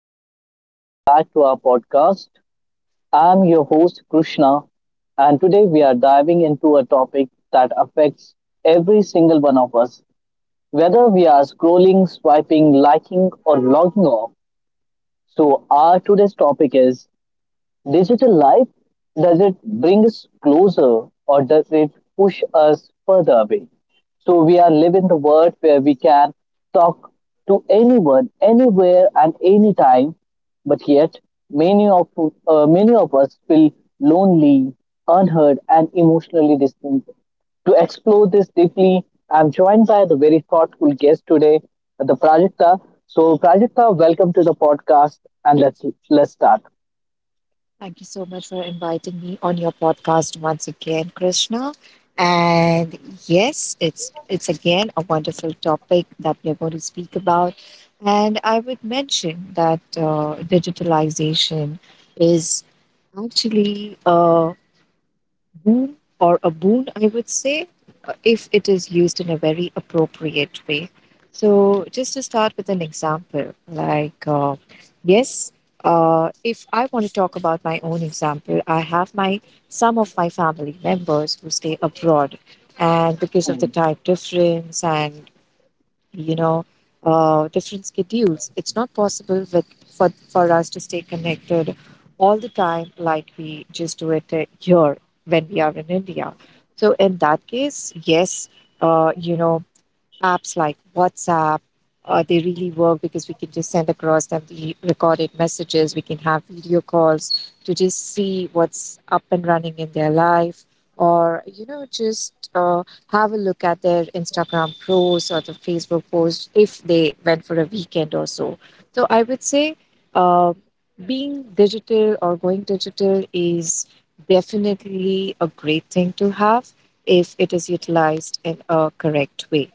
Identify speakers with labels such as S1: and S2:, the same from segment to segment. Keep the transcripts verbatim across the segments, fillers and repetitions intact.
S1: everyone, and welcome back to our podcast. I'm your host Krishna, and today we are diving into a topic that affects every single one of us, whether we are scrolling, swiping, liking, or logging off. So, our today's topic is digital life, does it bring us closer or does it push us further away? So we are living the world where we can talk to anyone, anywhere, and anytime, but yet many of uh, many of us feel lonely, unheard, and emotionally distant. To explore this deeply, I'm joined by the very thoughtful guest today, the Prajakta. So, Prajakta, welcome to the podcast, and let's let's start.
S2: Thank you so much for inviting me on your podcast once again, Krishna. And yes, it's it's again a wonderful topic that we are going to speak about. And I would mention that uh, digitalization is actually uh, boon or a boon, I would say, uh, if it is used in a very appropriate way. So, just to start with an example, like, uh, yes, uh, if I want to talk about my own example, I have my some of my family members who stay abroad, and because of the time difference and you know, uh, different schedules. It's not possible with, for, for us to stay connected all the time like we just do it uh, here when we are in India. So, in that case, yes, uh, you know, apps like WhatsApp, uh, they really work because we can just send across them the recorded messages. We can have video calls to just see what's up and running in their life, or you know, just uh, have a look at their Instagram posts or the Facebook posts if they went for a weekend or so. So I would say, uh, being digital or going digital is definitely a great thing to have if it is utilized in a correct way.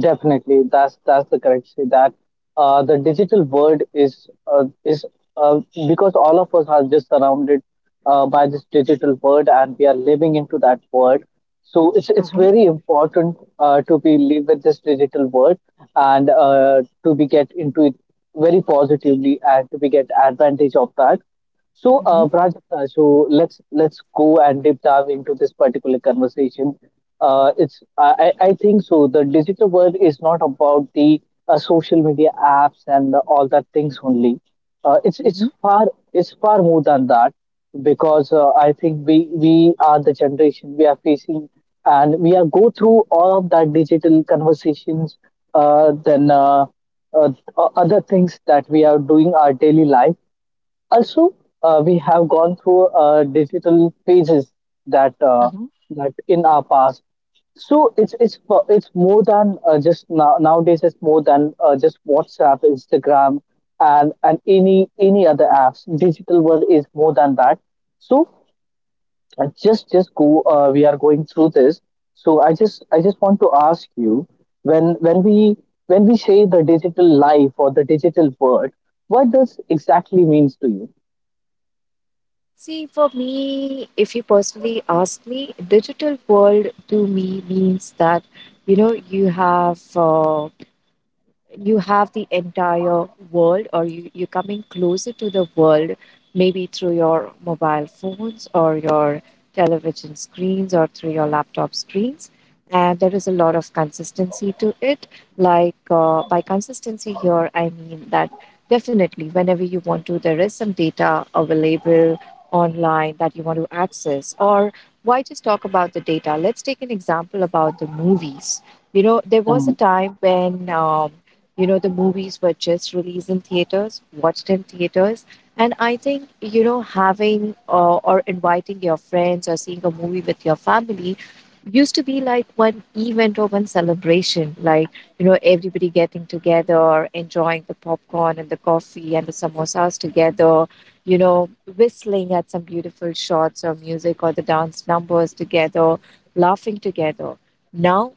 S1: Definitely, that's that's the correct say that uh, the digital world is uh, is uh, because all of us are just surrounded uh, by this digital world and we are living into that world. So it's it's
S2: Uh-huh,
S1: very important uh, to be live with this digital world, and uh, to be get into it very positively and to be get advantage of that. So, uh,
S2: uh-huh,
S1: Prajakta, so let's let's go and deep dive into this particular conversation. Uh, it's I, I I think so. The digital world is not about the uh, social media apps and all that things only. Uh, it's it's
S2: uh-huh,
S1: far it's far more than that because uh, I think we we are the generation we are facing and we are go through all of that digital conversations. Uh, then uh, uh, o- Other things that we are doing our daily life also, uh, we have gone through uh, digital pages that uh,
S2: uh-huh.
S1: that in our past. So it's it's fo- it's more than uh, just now, nowadays. It's more than uh, just WhatsApp, Instagram, and and any any other apps. Digital world is more than that. So uh, just just go. Uh, we are going through this. So I just I just want to ask you when when we when we say the digital life or the digital world, what does exactly means to you?
S2: See, for me, if you personally ask me, digital world to me means that, you know, you have uh, you have the entire world, or you, you're coming closer to the world maybe through your mobile phones or your television screens or through your laptop screens, and there is a lot of consistency to it. Like, uh, by consistency here I mean that definitely whenever you want to, there is some data available online that you want to access. Or why just talk about the data, let's take an example about the movies. You know, there was a time when um, you know, the movies were just released in theaters, watched in theaters. And I think, you know, having uh, or inviting your friends or seeing a movie with your family used to be like one event or one celebration, like, you know, everybody getting together, enjoying the popcorn and the coffee and the samosas together, you know, whistling at some beautiful shots or music or the dance numbers together, laughing together. Now,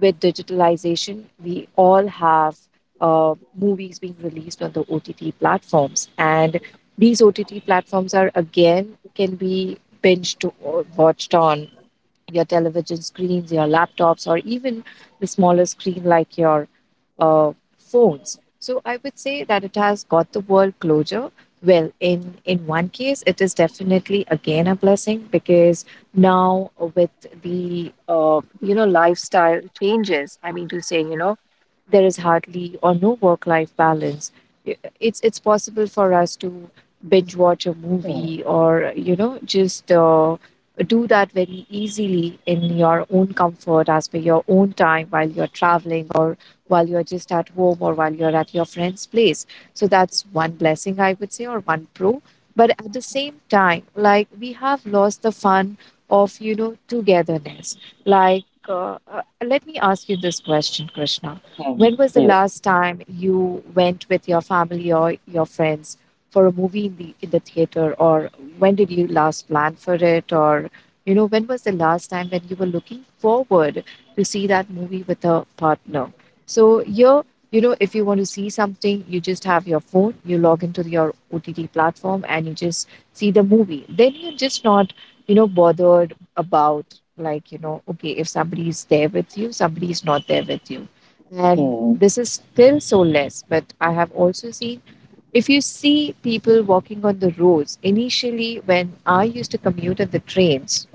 S2: with digitalization, we all have uh, movies being released on the O T T platforms. And these O T T platforms are again can be binged or watched on your television screens, your laptops, or even the smaller screen like your uh, phones. So I would say that it has got the world closure. Well, in in one case, it is definitely again a blessing because now with the uh, you know, lifestyle changes, I mean to say, you know, there is hardly or no work life balance. I- It's it's possible for us to binge watch a movie or you know just. Uh, do that very easily in your own comfort as per your own time while you're traveling or while you're just at home or while you're at your friend's place. So that's one blessing, I would say, or one pro. But at the same time, like, we have lost the fun of, you know, togetherness. Like, uh, uh, let me ask you this question, Krishna. When
S1: Mm-hmm.
S2: was the
S1: Yes,
S2: last time you went with your family or your friends for a movie in the in the theater, or when did you last plan for it? Or, you know, when was the last time when you were looking forward to see that movie with a partner? So here, you know, if you want to see something, you just have your phone, you log into your O T T platform and you just see the movie. Then you're just not, you know, bothered about, like, you know, okay, if somebody is there with you, somebody is not there with you. And
S1: mm,
S2: this is still so less, but I have also seen, if you see people walking on the roads, initially when I used to commute on the trains,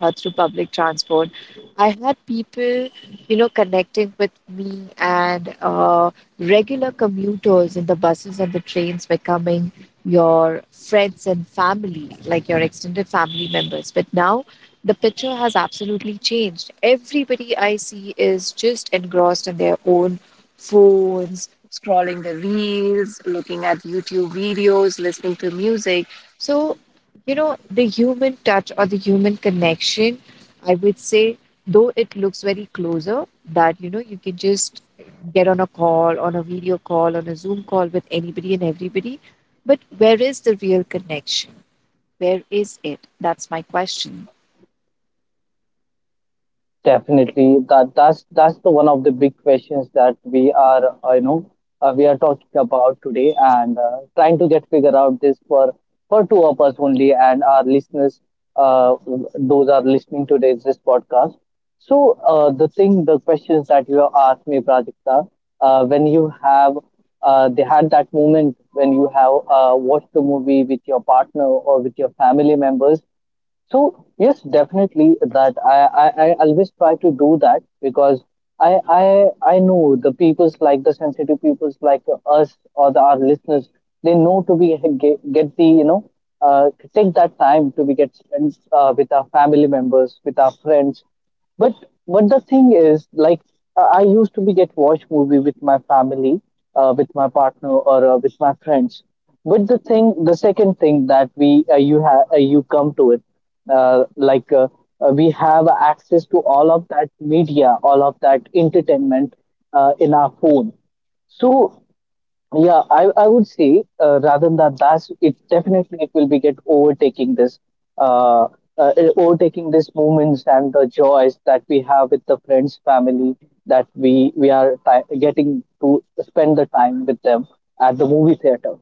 S2: uh, through public transport. I had people, you know, connecting with me, and uh, regular commuters in the buses and the trains becoming your friends and family, like your extended family members. But now the picture has absolutely changed. Everybody I see is just engrossed in their own phones, scrolling the reels, looking at YouTube videos, listening to music. So, you know, the human touch or the human connection, I would say, though it looks very closer, that, you know, you can just get on a call, on a video call, on a Zoom call with anybody and everybody. But where is the real connection? Where is it? That's my question.
S1: definitely. That that's that's the one of the big questions that we are, uh, you know, uh, we are talking about today and uh, trying to get figure out this for for two of us only and our listeners, uh, those are listening to this this podcast. So uh, the thing, the questions that you have asked me, Prajakta, uh, when you have uh, they had that moment when you have uh, watched the movie with your partner or with your family members. So yes, definitely that I, I, I always try to do that because I I I know the peoples like the sensitive peoples like us or the our listeners, they know to be get, get the you know uh, take that time to be get spent uh, with our family members, with our friends, but but the thing is, like, uh, I used to be get watch movie with my family, uh, with my partner or uh, with my friends. But the thing, the second thing that we uh, you have uh, you come to it, uh, like uh, uh, we have access to all of that media, all of that entertainment uh, in our phone. So yeah, I, I would say uh, rather than that, it definitely it will be get overtaking this, uh, uh, overtaking these moments and the joys that we have with the friends, family that we we are ti getting to spend the time with them at the movie theater.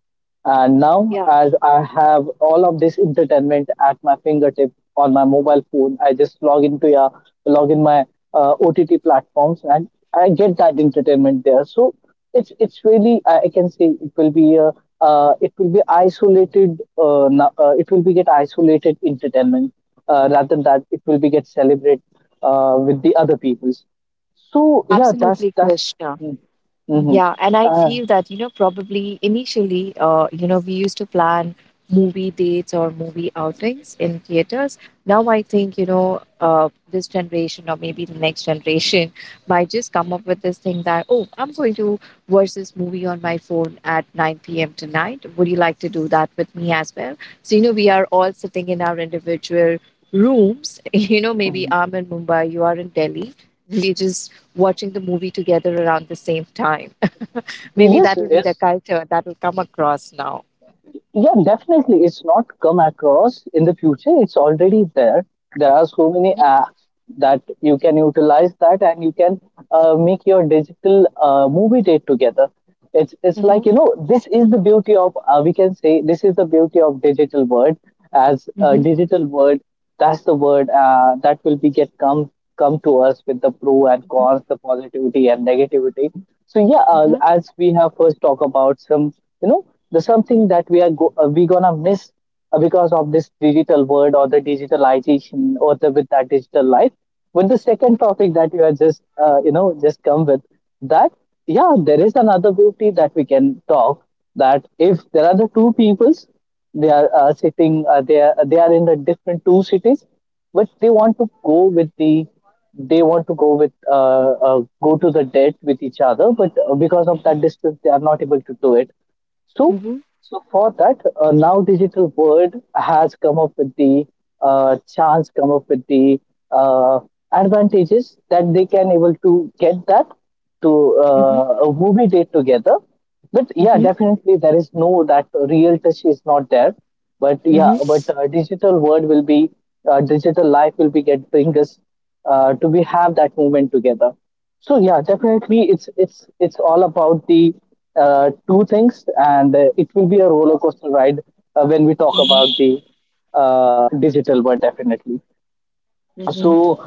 S1: And now,
S2: Yeah,
S1: as I have all of this entertainment at my fingertip on my mobile phone, I just log into uh, log in my uh, O T T platforms, and I get that entertainment there. So it's it's really I I can say it will be a uh, it will be isolated. Uh, na- uh, it will be get isolated entertainment uh, rather than that it will be get celebrate uh, with the other peoples. So yeah, that's
S2: absolutely,
S1: that's.
S2: Krishna.
S1: Mm-hmm.
S2: Yeah, and I
S1: Uh,
S2: feel that, you know, probably initially, uh, you know, we used to plan movie dates or movie outings in theaters. Now I think, you know, uh, this generation or maybe the next generation might just come up with this thing that, oh, I'm going to watch this movie on my phone at nine p m tonight. Would you like to do that with me as well? So, you know, we are all sitting in our individual rooms. You know, maybe
S1: mhm.
S2: I'm in Mumbai, you are in Delhi. We just watching the movie together around the same time. Maybe
S1: Yes,
S2: that will be the
S1: yes.
S2: culture that will come across now.
S1: Yeah, definitely. It's not come across in the future. It's already there. There are so many
S2: Mhm,
S1: apps that you can utilize that, and you can uh, make your digital uh, movie date together. It's it's like,
S2: mhm,
S1: you know, this is the beauty of uh, we can say this is the beauty of digital world as a
S2: mhm,
S1: digital world. That's the word uh, that will be get come come to us with the pro and
S2: mhm,
S1: cons, the positivity and negativity. So yeah, uh,
S2: mhm,
S1: as we have first talked about some, you know, the something that we are go- uh, we gonna miss uh, because of this digital world or the digitalization or the with that digital life. With the second topic that you are just uh, you know just come with that, yeah, there is another beauty that we can talk that if there are the two peoples, they are uh, sitting. Uh, they are they are in the different two cities, but they want to go with the. They want to go with uh, uh, go to the date with each other, but uh, because of
S2: mhm,
S1: that distance, they are not able to do it. So,
S2: mhm,
S1: so for that, uh, now digital world has come up with the uh, chance, come up with the uh, advantages that they can able to get that to
S2: mhm,
S1: uh, a movie date together. But yeah,
S2: mhm,
S1: definitely there is no, that real touch is not there. But yeah,
S2: mhm,
S1: but uh, digital world will be uh, digital life will be get bring us uh, do we have that movement together. So yeah, definitely it's it's it's all about the uh, two things, and uh, it will be a roller coaster ride uh, when we talk about
S2: mhm,
S1: the uh, digital world, definitely.
S2: mhm.
S1: So,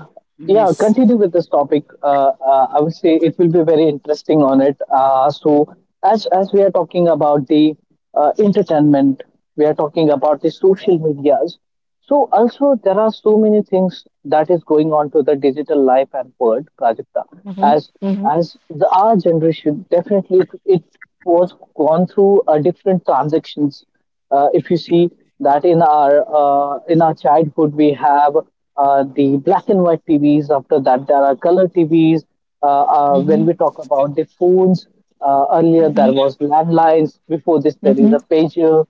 S1: yeah,
S2: Yes.
S1: continue with this topic. Uh, uh, I would say it will be very interesting on it. Uh, so, as as we are talking about the uh, entertainment, we are talking about the social medias. So, also there are so many things that is going on to the digital life and world, Prajakta.
S2: Mhm,
S1: As
S2: mhm,
S1: as the our generation, definitely it, it was gone through a different transactions uh, if you see that in our uh, in our childhood, we have uh, the black and white T Vs. After that, there are color T Vs. Uh, uh, when
S2: mhm,
S1: we talk about the phones, uh, earlier
S2: mhm,
S1: there
S2: mhm,
S1: was landlines. Before this, there is
S2: mhm,
S1: a pager,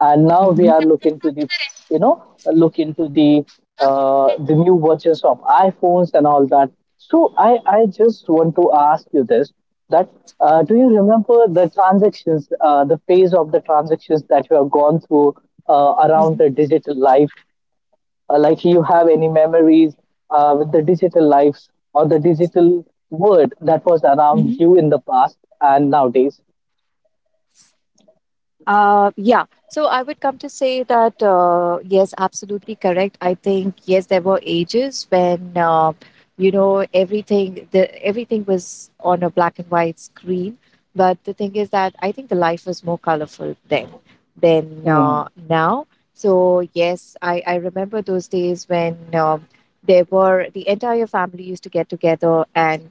S1: and now we
S2: mhm,
S1: are looking to the you know look into the uh, the new versions of iPhones and all that. So I I just want to ask you this that uh, do you remember the transactions uh, the phase of the transactions that you have gone through uh,
S2: mhm.
S1: around the digital life, uh, like you have any memories uh, with the digital lives or the digital world that was around
S2: Mhm.
S1: you in the past and nowadays.
S2: Uh, yeah. So I would come to say that uh, yes, absolutely correct. I think yes, there were ages when uh, you know, everything the everything was on a black and white screen. But the thing is that I think the life was more colorful then than
S1: Mm-hmm.
S2: uh, now. So yes, I I remember those days when um there were the entire family used to get together and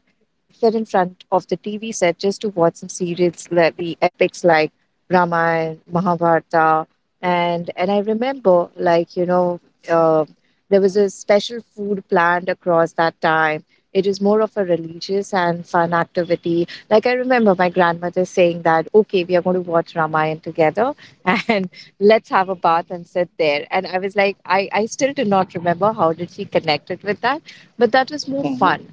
S2: sit in front of the T V set just to watch some serials like the epics like Ramayana, Mahabharata, and and I remember, like, you know, uh, there was a special food planned across that time. It was more of a religious and fun activity. Like I remember my grandmother saying that, okay, we are going to watch Ramayana together and let's have a bath and sit there. And I was like, I, I still do not remember how did she connect it with that, but that was more
S1: Mm-hmm.
S2: fun.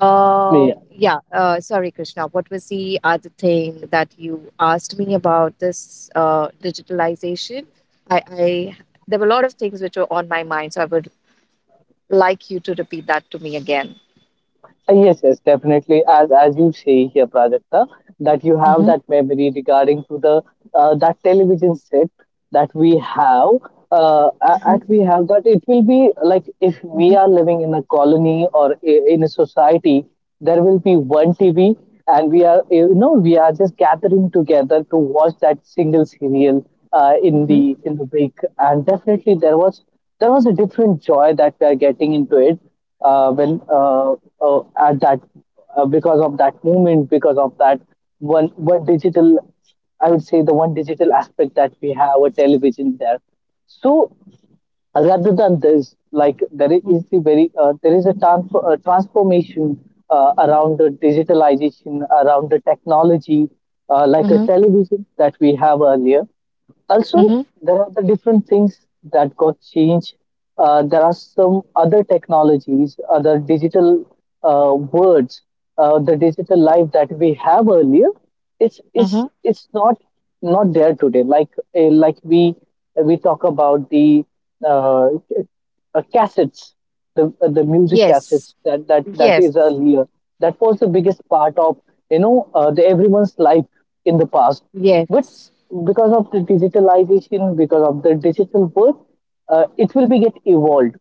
S2: uh,
S1: Yeah.
S2: Yeah, uh, sorry, Krishna. What was the other thing that you asked me about this uh, digitalization? I, I There were a lot of things which were on my mind, so I would like you to repeat that to me again.
S1: Uh, Yes, yes, definitely. As as you say here, Prajakta, that you have
S2: Mm-hmm,
S1: that memory regarding to the uh, that television set that we have, uh, a-
S2: mm-hmm,
S1: at we have that it will be like if we
S2: mm-hmm,
S1: are living in a colony or i- in a society, there will be one TV and we are, you know, we are just gathering together to watch that single serial uh, in
S2: mm-hmm,
S1: the in the week, and definitely there was there was a different joy that we are getting into it uh, when uh, uh, at that uh, because of that moment, because of that one one digital, I would say the one digital aspect that we have a television there. So rather than this, like there is the very uh, there is a transfer uh, transformation uh, around the digitalization, around the technology, uh, like a
S2: mm-hmm,
S1: television that we have earlier. Also,
S2: mm-hmm,
S1: there are the different things that got changed. Uh, there are some other technologies, other digital uh, words, uh, the digital life that we have earlier. It's
S2: mm-hmm.
S1: it's it's not not there today. Like uh, like we we talk about the uh, uh, cassettes, the uh, the music
S2: Yes,
S1: cassettes that that that
S2: yes,
S1: is earlier. That was the biggest part of, you know, uh, the everyone's life in the past. But
S2: yes.
S1: because of the digitalization, because of the digital world, uh, it will be get evolved.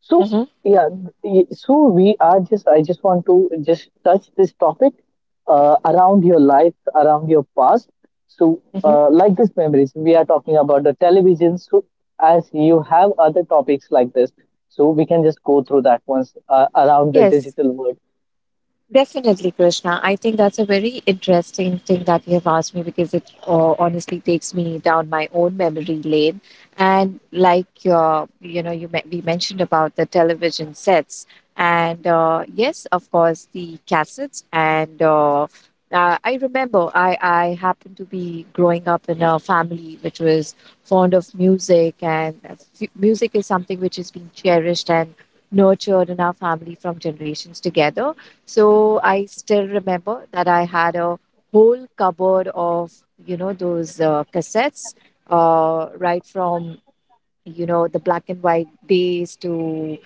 S1: So
S2: Mm-hmm,
S1: yeah, y- so we are just I just want to just touch this topic uh, around your life, around your past, so,
S2: mm-hmm.
S1: uh, like this memories, we are talking about the television. So, as you have other topics like this, so we can just go through that once uh, around the
S2: Yes,
S1: digital world.
S2: definitely, Krishna. I think that's a very interesting thing that you have asked me because it uh, honestly takes me down my own memory lane. And like your, you know, you me- we mentioned about the television sets, and uh, yes, of course, the cassettes. And uh, uh, I remember I I happened to be growing up in a family which was fond of music, and uh, f- music is something which is being cherished and nurtured in our family from generations together. So I still remember that I had a whole cupboard of, you know, those uh, cassettes, uh, right from, you know, the black and white days to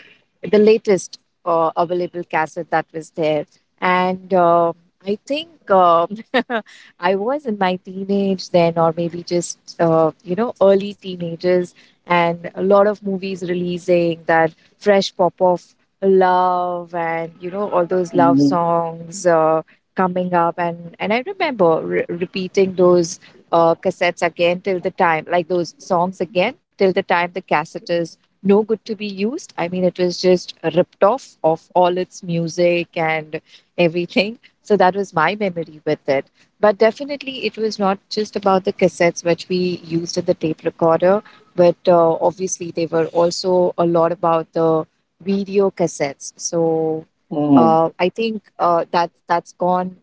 S2: the latest uh, available cassette that was there. And uh, I think um I was in my teenage then, or maybe just, uh, you know, early teenagers, and a lot of movies releasing that fresh pop of love and, you know, all those love
S1: Mhm.
S2: songs uh, coming up. And, and I remember re- repeating those. Uh, cassettes again till the time, like those songs again till the time the cassettes no good to be used. I mean, it was just ripped off of all its music and everything. So that was my memory with it. But definitely, it was not just about the cassettes which we used in the tape recorder, but uh, obviously, they were also a lot about the video cassettes. So
S1: Mhm.
S2: uh, I think uh, that that's gone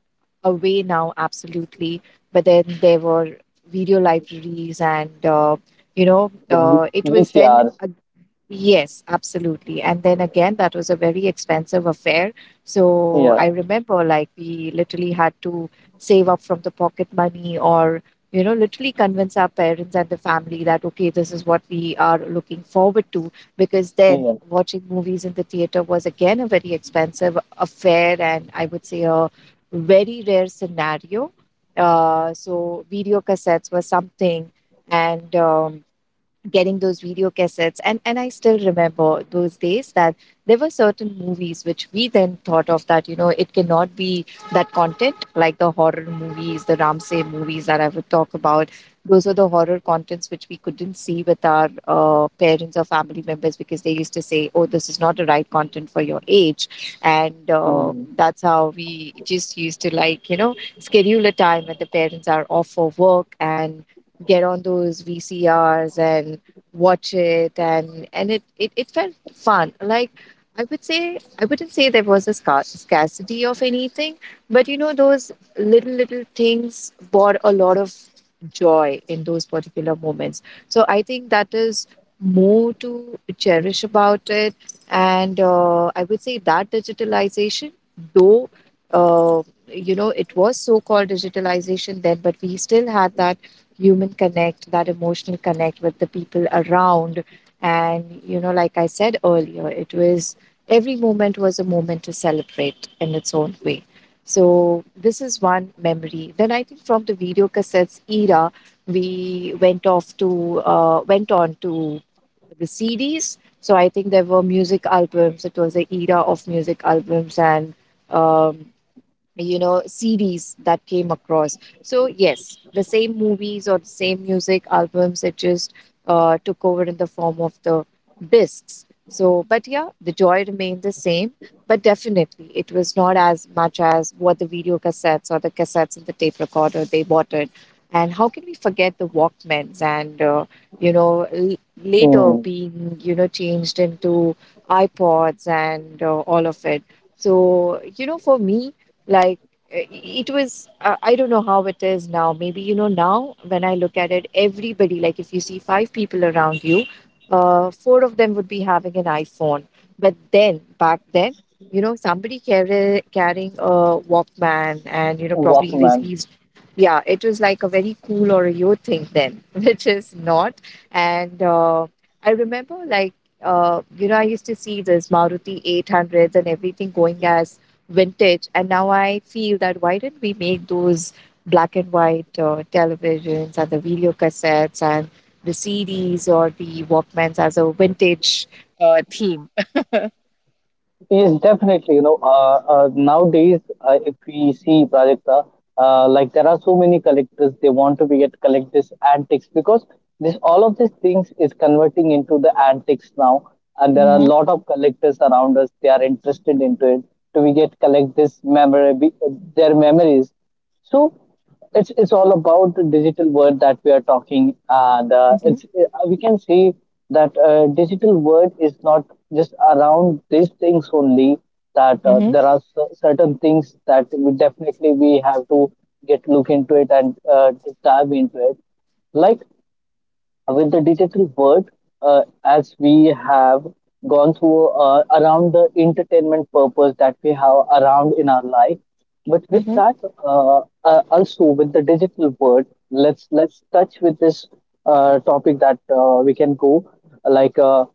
S2: away now, absolutely. But then there were video libraries, and uh, you know,
S1: The v-
S2: uh, it was then
S1: VCRs,
S2: a... Yes, absolutely. And then again, that was a very expensive affair. So I
S1: yeah,
S2: remember like we literally had to save up from the pocket money, or, you know, literally convince our parents and the family that, okay, this is what we are looking forward to. Because then
S1: yeah.
S2: watching movies in the theater was again a very expensive affair. And I would say a very rare scenario. Uh, so video cassettes were something. And, um, getting those video cassettes and and I still remember those days that there were certain movies which we then thought of that, you know, it cannot be that content, like the horror movies, the Ramsey movies that I would talk about. Those are the horror contents which we couldn't see with our uh, parents or family members, because they used to say, oh, this is not the right content for your age. and
S1: Mhm.
S2: uh, that's how we just used to, like, you know, schedule a time when the parents are off for work and get on those VCRs and watch it. And and it, it it felt fun. Like, I would say, I wouldn't say there was a scar- scarcity of anything, but you know, those little little things brought a lot of joy in those particular moments. So I think that is more to cherish about it. And uh, I would say that digitalization, though, uh, you know, it was so called digitalization then, but we still had that human connect, that emotional connect with the people around. And, you know, like I said earlier, it was every moment was a moment to celebrate in its own way. So, this is one memory. Then I think from the video cassettes era, we went off to, uh, went on to the C Ds. So, I think there were music albums. It was the era of music albums and, um, you know, series that came across. So yes, the same movies or the same music albums, it just uh, took over in the form of the discs. So but yeah, the joy remained the same, but definitely it was not as much as what the video cassettes or the cassettes and the tape recorder they wanted. And how can we forget the Walkmans, and uh, you know, l-
S1: Mhm.
S2: later being, you know, changed into iPods and uh, all of it. So you know, for me, like, uh, it was, uh, I don't know how it is now. Maybe, you know, now when I look at it, everybody, like if you see five people around you, uh, four of them would be having an iPhone. But then back then, you know, somebody carry, carrying a Walkman, and you know, probably he
S1: Walkman.
S2: was he's yeah, it was like a very cool or a yo thing then which is not. And uh, I remember, like, uh, you know, I used to see this Maruti eight hundreds and everything going as vintage. And now I feel that why didn't we make those black and white uh, televisions and the video cassettes and the C Ds or the Walkmans as a vintage uh, theme?
S1: Yes, definitely. You know, uh, uh, nowadays, uh, if we see Prajakta, uh, uh, like there are so many collectors, they want to be get collect this antiques because this all of these things is converting into the antiques now, and there are a
S2: Mm-hmm.
S1: lot of collectors around us. They are interested into it to we get collect this memory, their memories. So it's it's all about the digital world that we are talking. Uh, the
S2: Mm-hmm.
S1: it's uh, We can see that uh, digital world is not just around these things only. That uh,
S2: Mm-hmm.
S1: there are cer- certain things that we definitely we have to get look into it and uh, dive into it. Like with the digital world, uh, as we have gone through uh, around the entertainment purpose that we have around in our life. But with
S2: Mm-hmm.
S1: that, uh, uh, also with the digital world, let's let's touch with this uh, topic that uh, we can go like. Uh,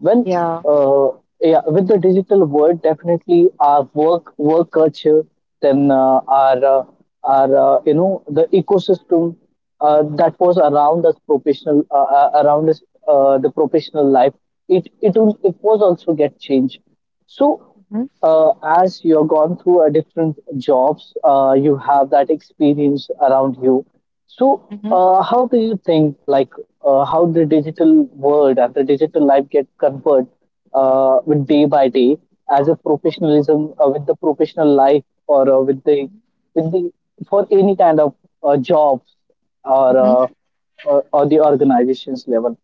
S1: when
S2: Yeah.
S1: uh, yeah, with the digital world, definitely our work work culture, then uh, our uh, our uh, you know the ecosystem uh, that was around us professional uh, uh, around us uh, the professional life. It it will- it was also get changed. So
S2: Mm-hmm.
S1: uh, as you're gone through a different jobs, uh, you have that experience around you. So, uh, how do you think, like, uh, how the digital world and the digital life get convert uh, with day by day as a professionalism uh, with the professional life or uh, with the with the for any kind of uh, jobs or,
S2: Mm-hmm.
S1: uh, or or the organizations level.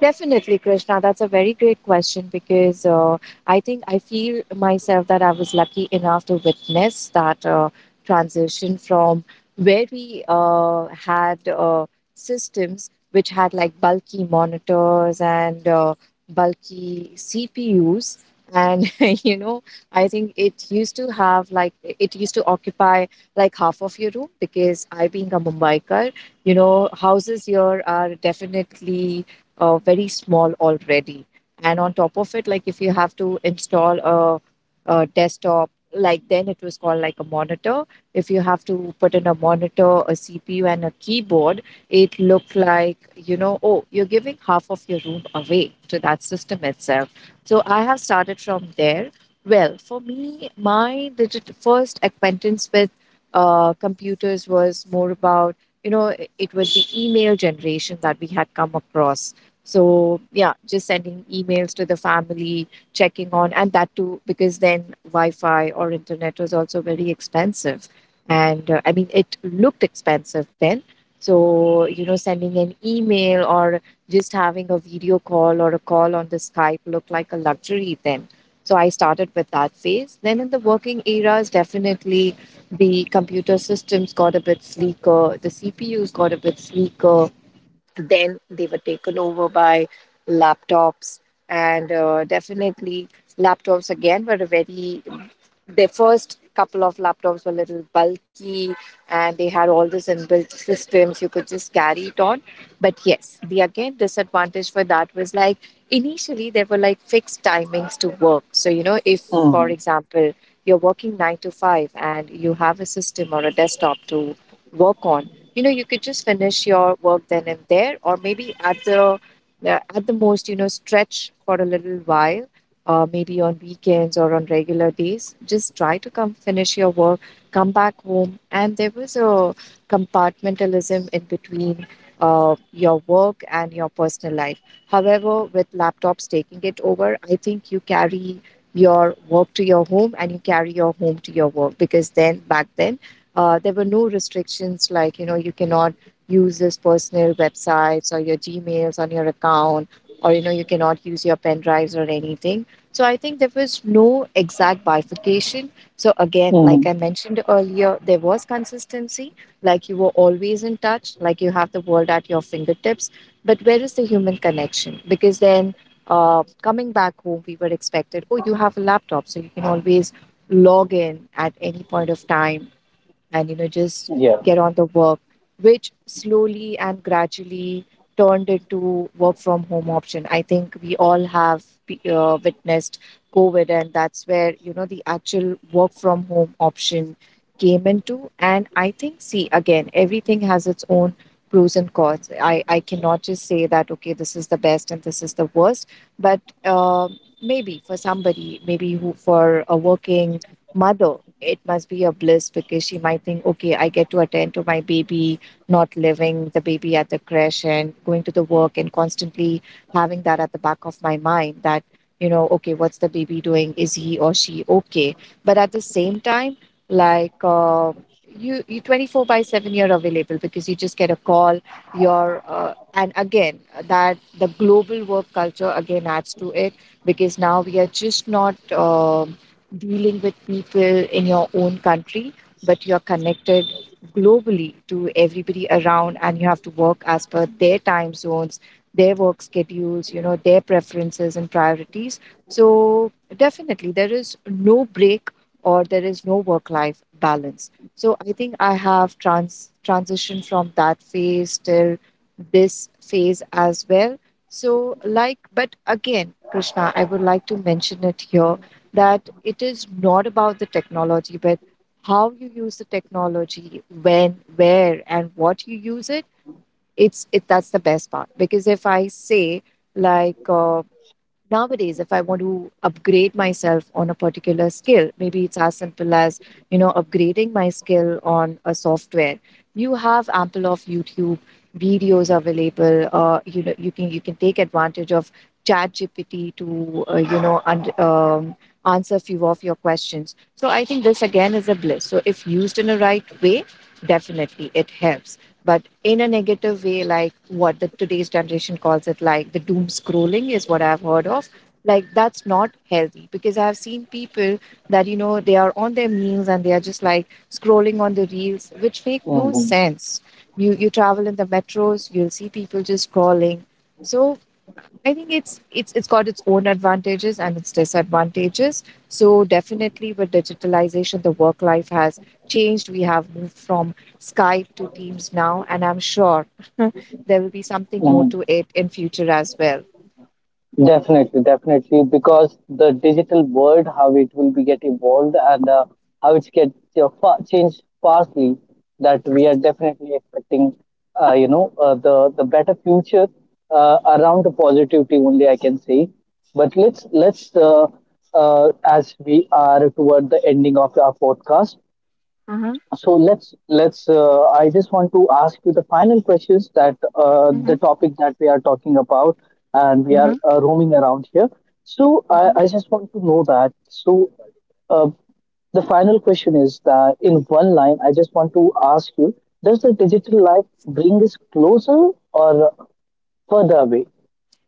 S2: Definitely, Krishna. That's a very great question, because uh, I think I feel myself that I was lucky enough to witness that uh, transition from where we uh, had uh, systems which had like bulky monitors and, uh, bulky C P Us. And, you know, I think it used to have like, it used to occupy like half of your room, because I, being a Mumbaikar, you know, houses here are definitely uh, very small already. And on top of it, like if you have to install a, a desktop, like then it was called like a monitor. If you have to put in a monitor, a C P U, and a keyboard, it looked like, you know, oh, you're giving half of your room away to that system itself. So I have started from there. Well, for me, my digit first acquaintance with uh, computers was more about, you know, it was the email generation that we had come across. So yeah, just sending emails to the family, checking on, and that too, because then Wi-Fi or internet was also very expensive, and uh, I mean, it looked expensive then. So you know, sending an email or just having a video call or a call on the Skype looked like a luxury then. So I started with that phase. Then in the working eras, definitely the computer systems got a bit sleeker, the C P Us got a bit sleeker, then they were taken over by laptops, and uh, definitely laptops again were a very, their first couple of laptops were a little bulky, and they had all this inbuilt systems, you could just carry it on. But yes, the again disadvantage for that was, like, initially there were like fixed timings to work. So you know, if for
S1: Mm-hmm.
S2: example you're working nine to five and you have a system or a desktop to work on, you know, you could just finish your work then and there, or maybe at the, uh, at the most, you know, stretch for a little while, uh, maybe on weekends or on regular days. Just try to come finish your work, come back home. And there was a compartmentalism in between uh, your work and your personal life. However, with laptops taking it over, I think you carry your work to your home and you carry your home to your work, because then back then, uh, there were no restrictions like, you know, you cannot use this personal websites or your Gmails on your account, or you know, you cannot use your pen drives or anything. So I think there was no exact bifurcation. So again, like
S1: Mm-hmm.
S2: I mentioned earlier, there was consistency, like you were always in touch, like you have the world at your fingertips. But where is the human connection? Because then, uh, coming back home, we were expected, oh, you have a laptop, so you can always log in at any point of time and you know, just
S1: Yeah.
S2: get on the work, which slowly and gradually turned into work from home option. I think we all have be- uh, witnessed COVID, and that's where, you know, the actual work from home option came into. And I think, see, again, everything has its own pros and cons. I i cannot just say that, okay, this is the best and this is the worst. But, um maybe for somebody, maybe who, for a working mother, it must be a bliss, because she might think, okay, I get to attend to my baby, not leaving the baby at the crash and going to the work and constantly having that at the back of my mind that, you know, okay, what's the baby doing? Is he or she okay? But at the same time, like, uh, you, you twenty-four by seven you're available, because you just get a call, your uh, and again, that the global work culture again adds to it, because now we are just not uh, dealing with people in your own country, but you're connected globally to everybody around, and you have to work as per their time zones, their work schedules, you know, their preferences and priorities. So definitely there is no break, or there is no work life balance. So I think I have trans transitioned from that phase till this phase as well. So like, but again, Krishna, I would like to mention it here that it is not about the technology, but how you use the technology, when, where, and what you use it. It's it that's the best part, because if I say, like, uh, nowadays, if I want to upgrade myself on a particular skill, maybe it's as simple as, you know, upgrading my skill on a software. You have ample of YouTube videos available. Uh, you know, you can you can take advantage of ChatGPT to, uh, you know, and, um, answer few of your questions. So I think this again is a bliss. So if used in a right way, definitely it helps, but in a negative way, like what the today's generation calls it, like the doom scrolling is what I've heard of. Like that's not healthy, because I've seen people that, you know, they are on their meals, and they are just like scrolling on the reels, which make no
S1: Mm-hmm.
S2: sense. You you travel in the metros, you'll see people just scrolling. So I think it's it's it's got its own advantages and its disadvantages. So definitely with digitalization, the work life has changed. We have moved from Skype to Teams now, and I'm sure there will be something more to it in future as well.
S1: Definitely, definitely, because the digital world, how it will be get evolved and uh, how it's get uh, fa- changed fastly, that we are definitely expecting, uh, you know, uh, the the better future uh, around the positivity only I can say. But let's let's uh, uh, as we are toward the ending of our podcast,
S2: Mm-hmm.
S1: so let's let's uh, I just want to ask you the final questions that uh,
S2: Mm-hmm.
S1: the topic that we are talking about and we are uh, roaming around here so I,
S2: Mm-hmm.
S1: I just want to know that. So uh, the final question is that in one line I just want to ask you, does the digital life bring us closer or further away?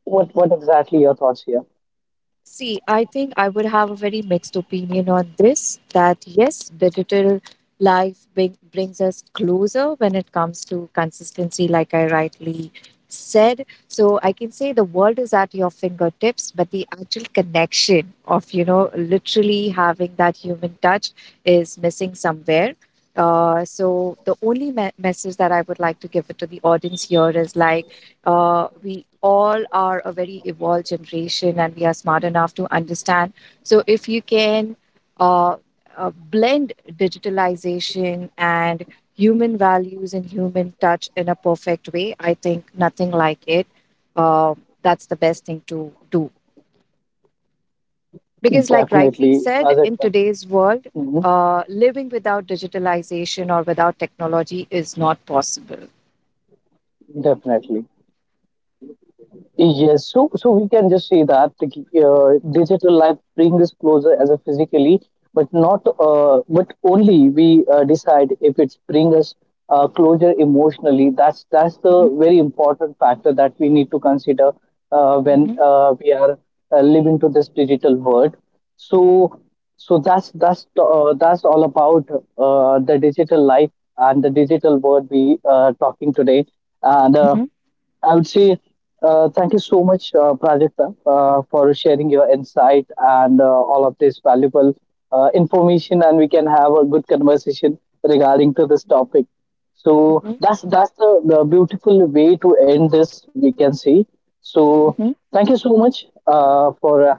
S1: what what exactly your thoughts here?
S2: See, I think I would have a very mixed opinion on this, that yes, digital life bring, brings us closer when it comes to consistency, like I rightly said. So I can say the world is at your fingertips, but the actual connection of, you know, literally having that human touch is missing somewhere. Uh, so the only me- message that I would like to give it to the audience here is like, uh, we all are a very evolved generation, and we are smart enough to understand. So, if you can, uh, uh, blend digitalization and human values and human touch in a perfect way, I think nothing like it. Uh, that's the best thing to do. Because, like rightly
S1: Definitely
S2: said,
S1: Rajat,
S2: in today's world,
S1: mhm,
S2: uh, living without digitalization or without technology is not possible.
S1: definitely. Yes, so so we can just say that uh, digital life brings us closer as a physically, but not uh, but only we uh, decide if it's bring us uh, closer emotionally. That's that's
S2: Mhm,
S1: the very important factor that we need to consider uh, when
S2: mhm,
S1: uh, we are uh, living to this digital world. So so that's that's uh, that's all about uh, the digital life and the digital world we are talking today and. Uh,
S2: mhm,
S1: I would say uh, thank you so much, uh, Prajakta, uh, for sharing your insight and uh, all of this valuable uh, information, and we can have a good conversation regarding to this
S2: mhm,
S1: topic. So
S2: mhm,
S1: that's that's the, the beautiful way to end this. We can see. So
S2: mhm,
S1: thank you so much uh, for uh,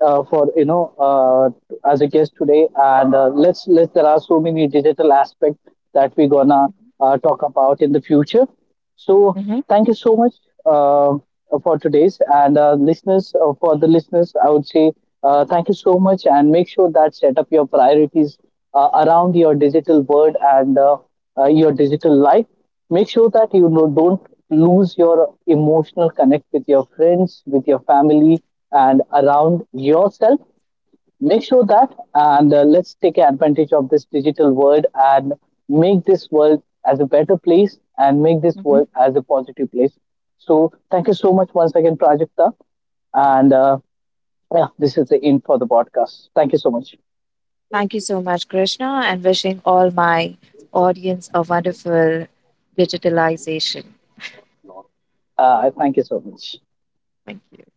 S1: uh, for you know uh, as a guest today and uh, let's let's there are so many digital aspect that we're gonna
S2: mhm,
S1: uh, talk about in the future. So
S2: mhm,
S1: thank you so much uh, for today's and uh, listeners, uh, for the listeners I would say uh, thank you so much and make sure that set up your priorities uh, around your digital world and uh, uh, your digital life. Make sure that you know, don't lose your emotional connect with your friends, with your family, and around yourself. Make sure that, and uh, let's take advantage of this digital world and make this world as a better place and make this
S2: mhm.
S1: world as a positive place. So, thank you so much once again, Prajakta. And uh, yeah, this is the end for the podcast. Thank you so much.
S2: Thank you so much, Krishna, and wishing all my audience a wonderful digitalization.
S1: Uh, thank you so much.
S2: Thank you.